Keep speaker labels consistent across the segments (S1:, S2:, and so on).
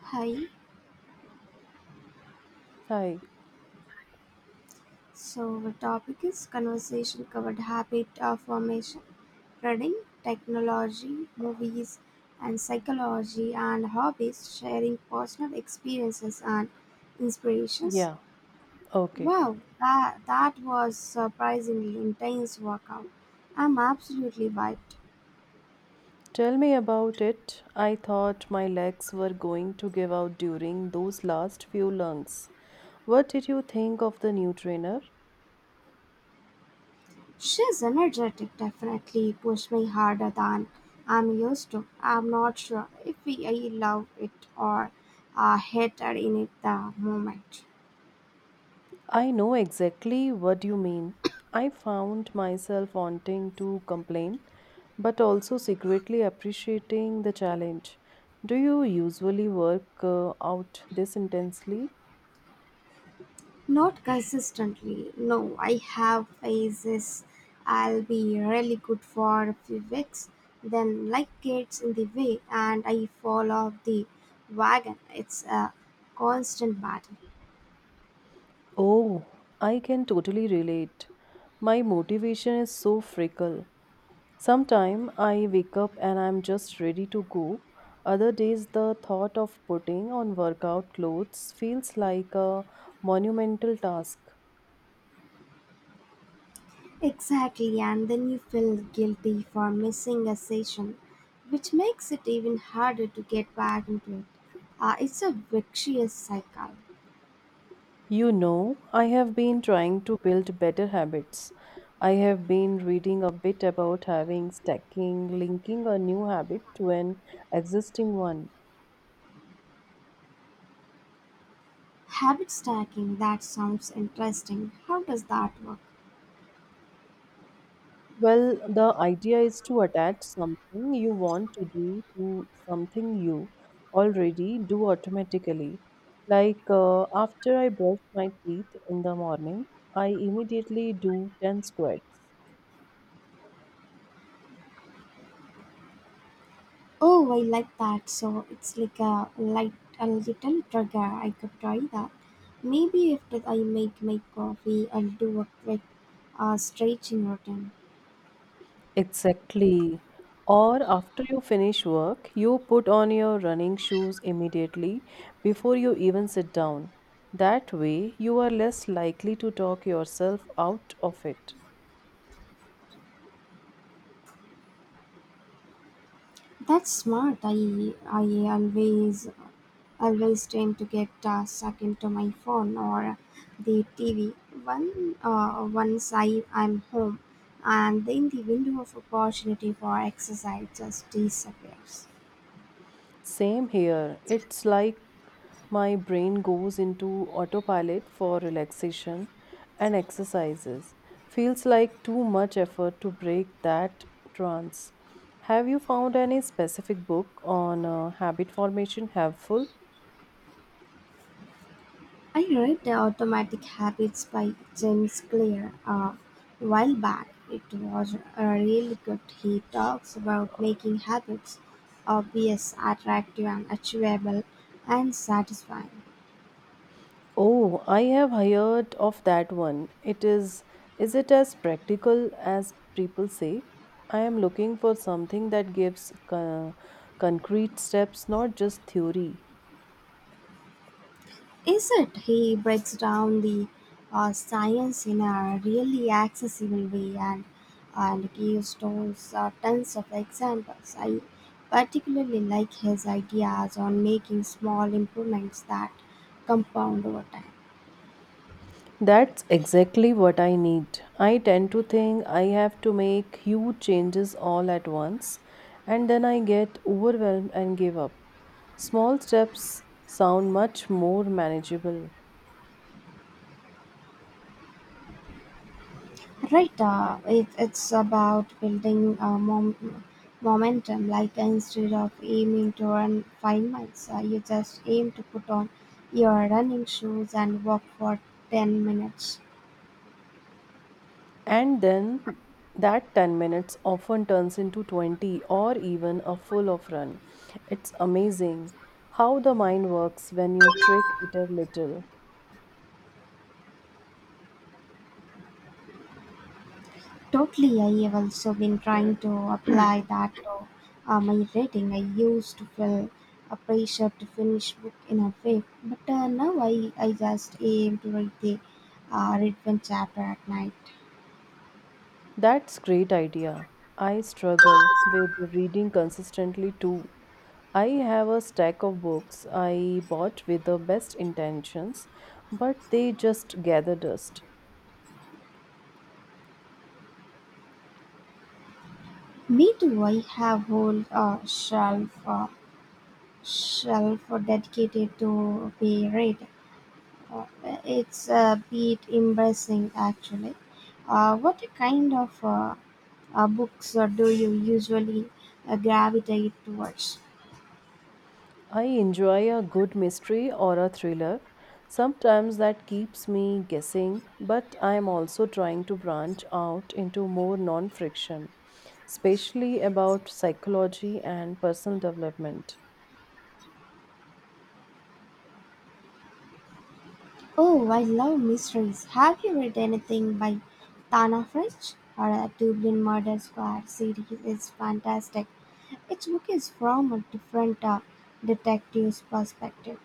S1: Hi,
S2: Hi.
S1: so the topic is conversation covered habit of formation, reading, technology, movies, and psychology and hobbies, sharing personal experiences and inspirations.
S2: Yeah, okay.
S1: Wow, that was surprisingly intense workout. I'm absolutely wiped.
S2: Tell me about it. I thought my legs were going to give out during those last few lungs. What did you think of the new trainer?
S1: She's energetic, definitely pushed me harder than I'm used to. I'm not sure if we, I love it or hated in it the moment.
S2: I know exactly what you mean. I found myself wanting to complain, but also secretly appreciating the challenge. Do you usually work out this intensely?
S1: Not consistently. No, I have phases. I'll be really good for a few weeks, then life gets in the way and I fall off the wagon. It's a constant battle.
S2: Oh, I can totally relate. My motivation is so fickle. Sometime I wake up and I'm just ready to go. Other days, the thought of putting on workout clothes feels like a monumental task.
S1: Exactly, and then you feel guilty for missing a session, which makes it even harder to get back into it. It's a vicious cycle.
S2: You know, I have been trying to build better habits. I have been reading a bit about having stacking, linking a new habit to an existing one.
S1: Habit stacking, that sounds interesting. How does that work?
S2: Well, the idea is to attach something you want to do to something you already do automatically. Like after I brush my teeth in the morning, I immediately do 10 squats.
S1: Oh, I like that. So it's like a light, a little trigger. I could try that. Maybe after I make my coffee, I'll do a quick stretching routine.
S2: Exactly. Or after you finish work, you put on your running shoes immediately before you even sit down. That way, you are less likely to talk yourself out of it.
S1: That's smart. I I always always tend to get sucked into my phone or the TV. Once I'm home, and then the window of opportunity for exercise just disappears.
S2: Same here. It's like my brain goes into autopilot for relaxation and exercises. Feels like too much effort to break that trance. Have you found any specific book on habit formation helpful?
S1: I read The Automatic Habits by James Clear a while back. It was a really good. He talks about making habits obvious, attractive, and achievable and satisfying.
S2: Oh, I have heard of that one. It is it as practical as people say? I am looking for something that gives concrete steps, not just theory.
S1: Is it? He breaks down the science in a really accessible way and gives tons of examples. I particularly like his ideas on making small improvements that compound over time.
S2: That's exactly what I need. I tend to think I have to make huge changes all at once, and then I get overwhelmed and give up. Small steps sound much more manageable.
S1: Right, it's about building momentum, like instead of aiming to run 5 miles, you just aim to put on your running shoes and walk for 10 minutes.
S2: And then that 10 minutes often turns into 20 or even a full of run. It's amazing how the mind works when you trick it a little.
S1: Totally, I have also been trying to apply that to my reading. I used to feel a pressure to finish book in a way, but now I just aim to read the read one chapter at night.
S2: That's great idea. I struggle with reading consistently too. I have a stack of books I bought with the best intentions, but they just gather dust.
S1: Me too. I have whole shelf dedicated to be read. Uh, It's a bit embarrassing actually. What kind of books do you usually gravitate towards?
S2: I enjoy a good mystery or a thriller. Sometimes that keeps me guessing, but I am also trying to branch out into more non friction, especially about psychology and personal development.
S1: Oh, I love mysteries. Have you read anything by Tana French or a Dublin Murder Squad series? Is fantastic. Each book is from a different detective's perspective.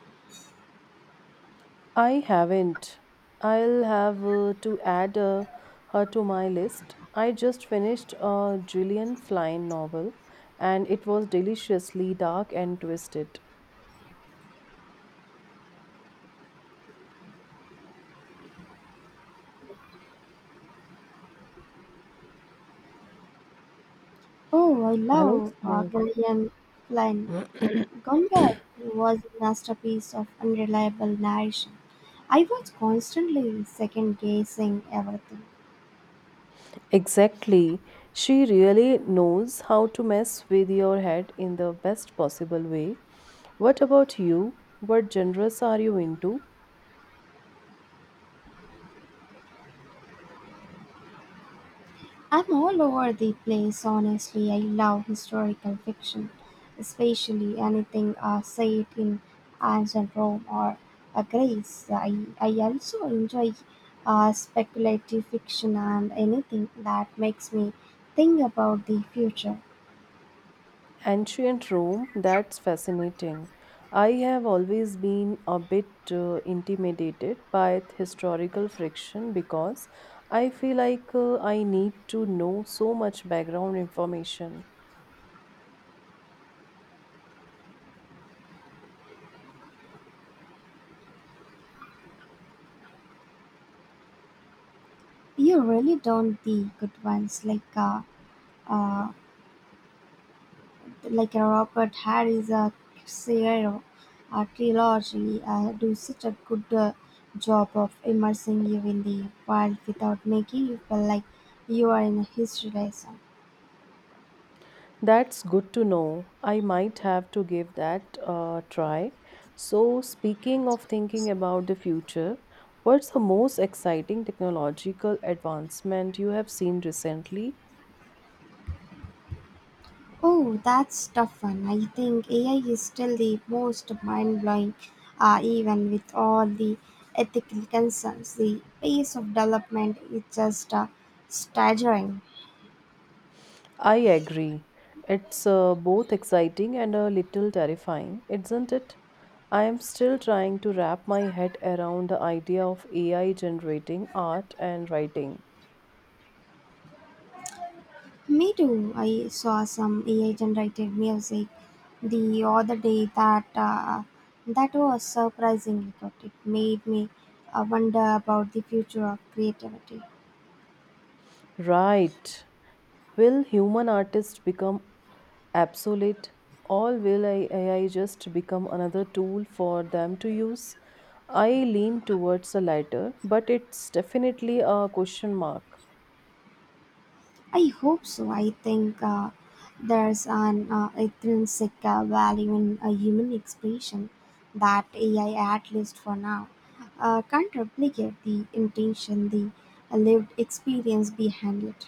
S2: I haven't. I'll have to add her to my list. I just finished a Gillian Flynn novel and it was deliciously dark and twisted.
S1: Oh, I
S2: Hello,
S1: love
S2: Sneh.
S1: Gillian Flynn. Gumball was a masterpiece of unreliable narration. I was constantly second guessing everything.
S2: Exactly. She really knows how to mess with your head in the best possible way. What about you? What genres are you into?
S1: I'm all over the place, honestly. I love historical fiction, especially anything set in ancient Rome or Greece. I also enjoy speculative fiction and anything that makes me think about the future.
S2: Ancient Rome, that's fascinating. I have always been a bit intimidated by historical friction because I feel like I need to know so much background information.
S1: You really don't the good ones uh, like a Robert Harris, a Cicero, a trilogy do such a good job of immersing you in the world without making you feel like you are in a history lesson.
S2: That's good to know. I might have to give that a try. So, speaking of thinking about the future, what's the most exciting technological advancement you have seen recently?
S1: Oh, that's tough one. I think AI is still the most mind blowing, even with all the ethical concerns. The pace of development is just staggering.
S2: I agree. It's both exciting and a little terrifying, isn't it? I am still trying to wrap my head around the idea of AI generating art and writing.
S1: Me too. I saw some AI generated music the other day that was surprisingly good. It made me wonder about the future of creativity.
S2: Right. Will human artists become absolute, all will AI just become another tool for them to use? I lean towards the latter, but it's definitely a question mark.
S1: I hope so. I think there's an intrinsic value in a human expression that AI, at least for now, can't replicate the intention, the lived experience behind it.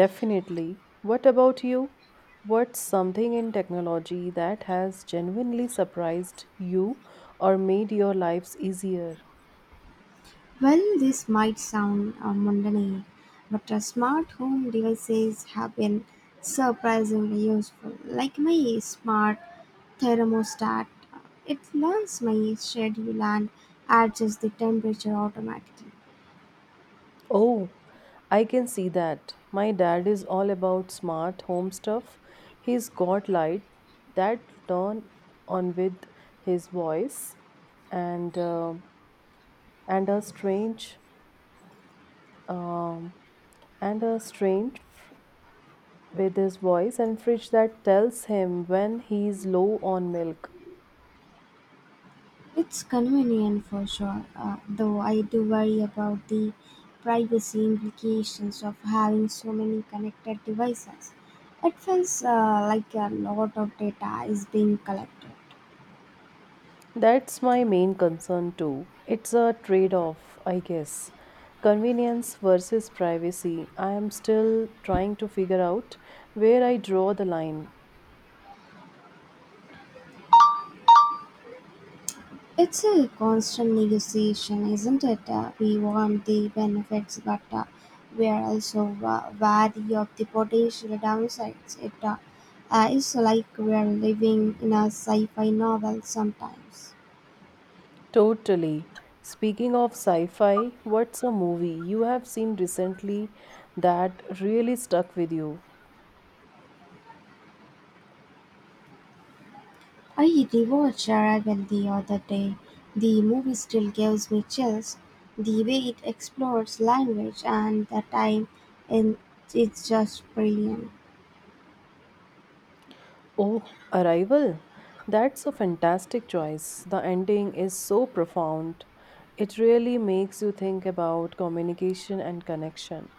S2: Definitely. What about you? What's something in technology that has genuinely surprised you or made your lives easier?
S1: Well, this might sound mundane, but smart home devices have been surprisingly useful. Like my smart thermostat, it learns my schedule and adjusts the temperature automatically.
S2: Oh, I can see that. My dad is all about smart home stuff. He's got light that turn on with his voice and uh, and a strange um, and a strange f- with his voice and fridge that tells him when he's low on milk.
S1: It's convenient for sure, though I do worry about the privacy implications of having so many connected devices. It feels like a lot of data is being collected.
S2: That's my main concern too. It's a trade off, I guess. Convenience versus privacy. I am still trying to figure out where I draw the line.
S1: It's a constant negotiation, isn't it? We want the benefits, but we are also wary of the potential downsides. It is like we are living in a sci-fi novel sometimes.
S2: Totally. Speaking of sci fi, what's a movie you have seen recently that really stuck with you?
S1: I rewatched Arrival the other day. The movie still gives me chills. The way it explores language and the time, and it's just brilliant.
S2: Oh, Arrival. That's a fantastic choice. The ending is so profound. It really makes you think about communication and connection.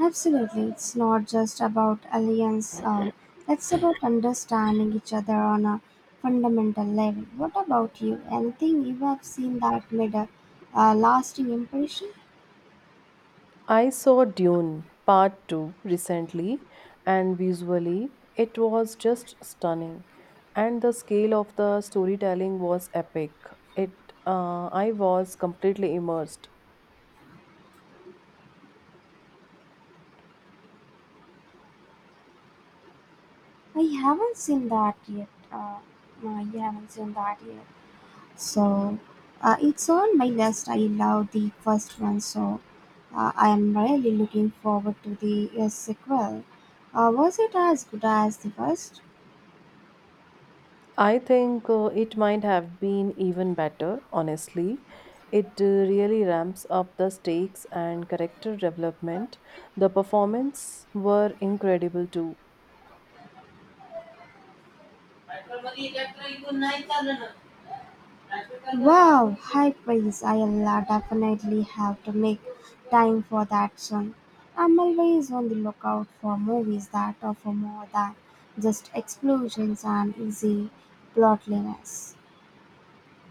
S1: Absolutely, it's not just about aliens. It's about understanding each other on a fundamental level. What about you? Anything you have seen that made a, lasting impression?
S2: I saw Dune Part 2 recently, and visually, it was just stunning. And the scale of the storytelling was epic. It, I was completely immersed.
S1: I haven't seen that yet. No, you haven't seen that yet. So, it's on my list. I love the first one, so I am really looking forward to the sequel. Was it as good as the first?
S2: I think it might have been even better, honestly. It really ramps up the stakes and character development. The performance were incredible too.
S1: Wow, high praise. I'll definitely have to make time for that soon. I'm always on the lookout for movies that offer more than just explosions and easy plotliness.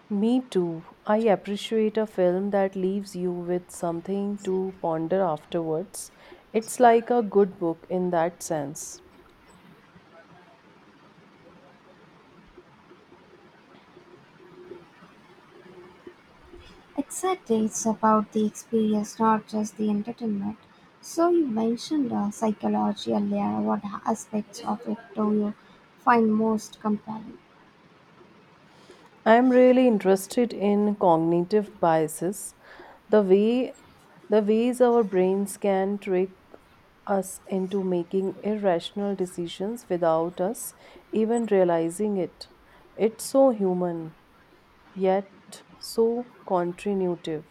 S2: Me too. I appreciate a film that leaves you with something to ponder afterwards. It's like a good book in that sense.
S1: Exactly, it's about the experience, not just the entertainment. So, you mentioned psychology earlier. What aspects of it do you find most compelling?
S2: I'm really interested in cognitive biases, the way the ways our brains can trick us into making irrational decisions without us even realizing it. It's so human, yet so contributive.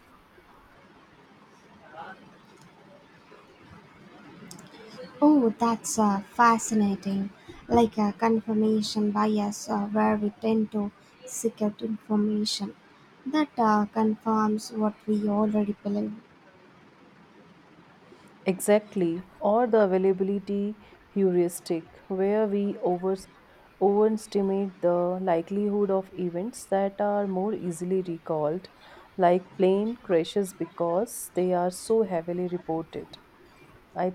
S1: Oh, that's fascinating. Like a confirmation bias, where we tend to seek out information that confirms what we already believe.
S2: Exactly, or the availability heuristic, where we overestimate the likelihood of events that are more easily recalled, like plane crashes because they are so heavily reported. I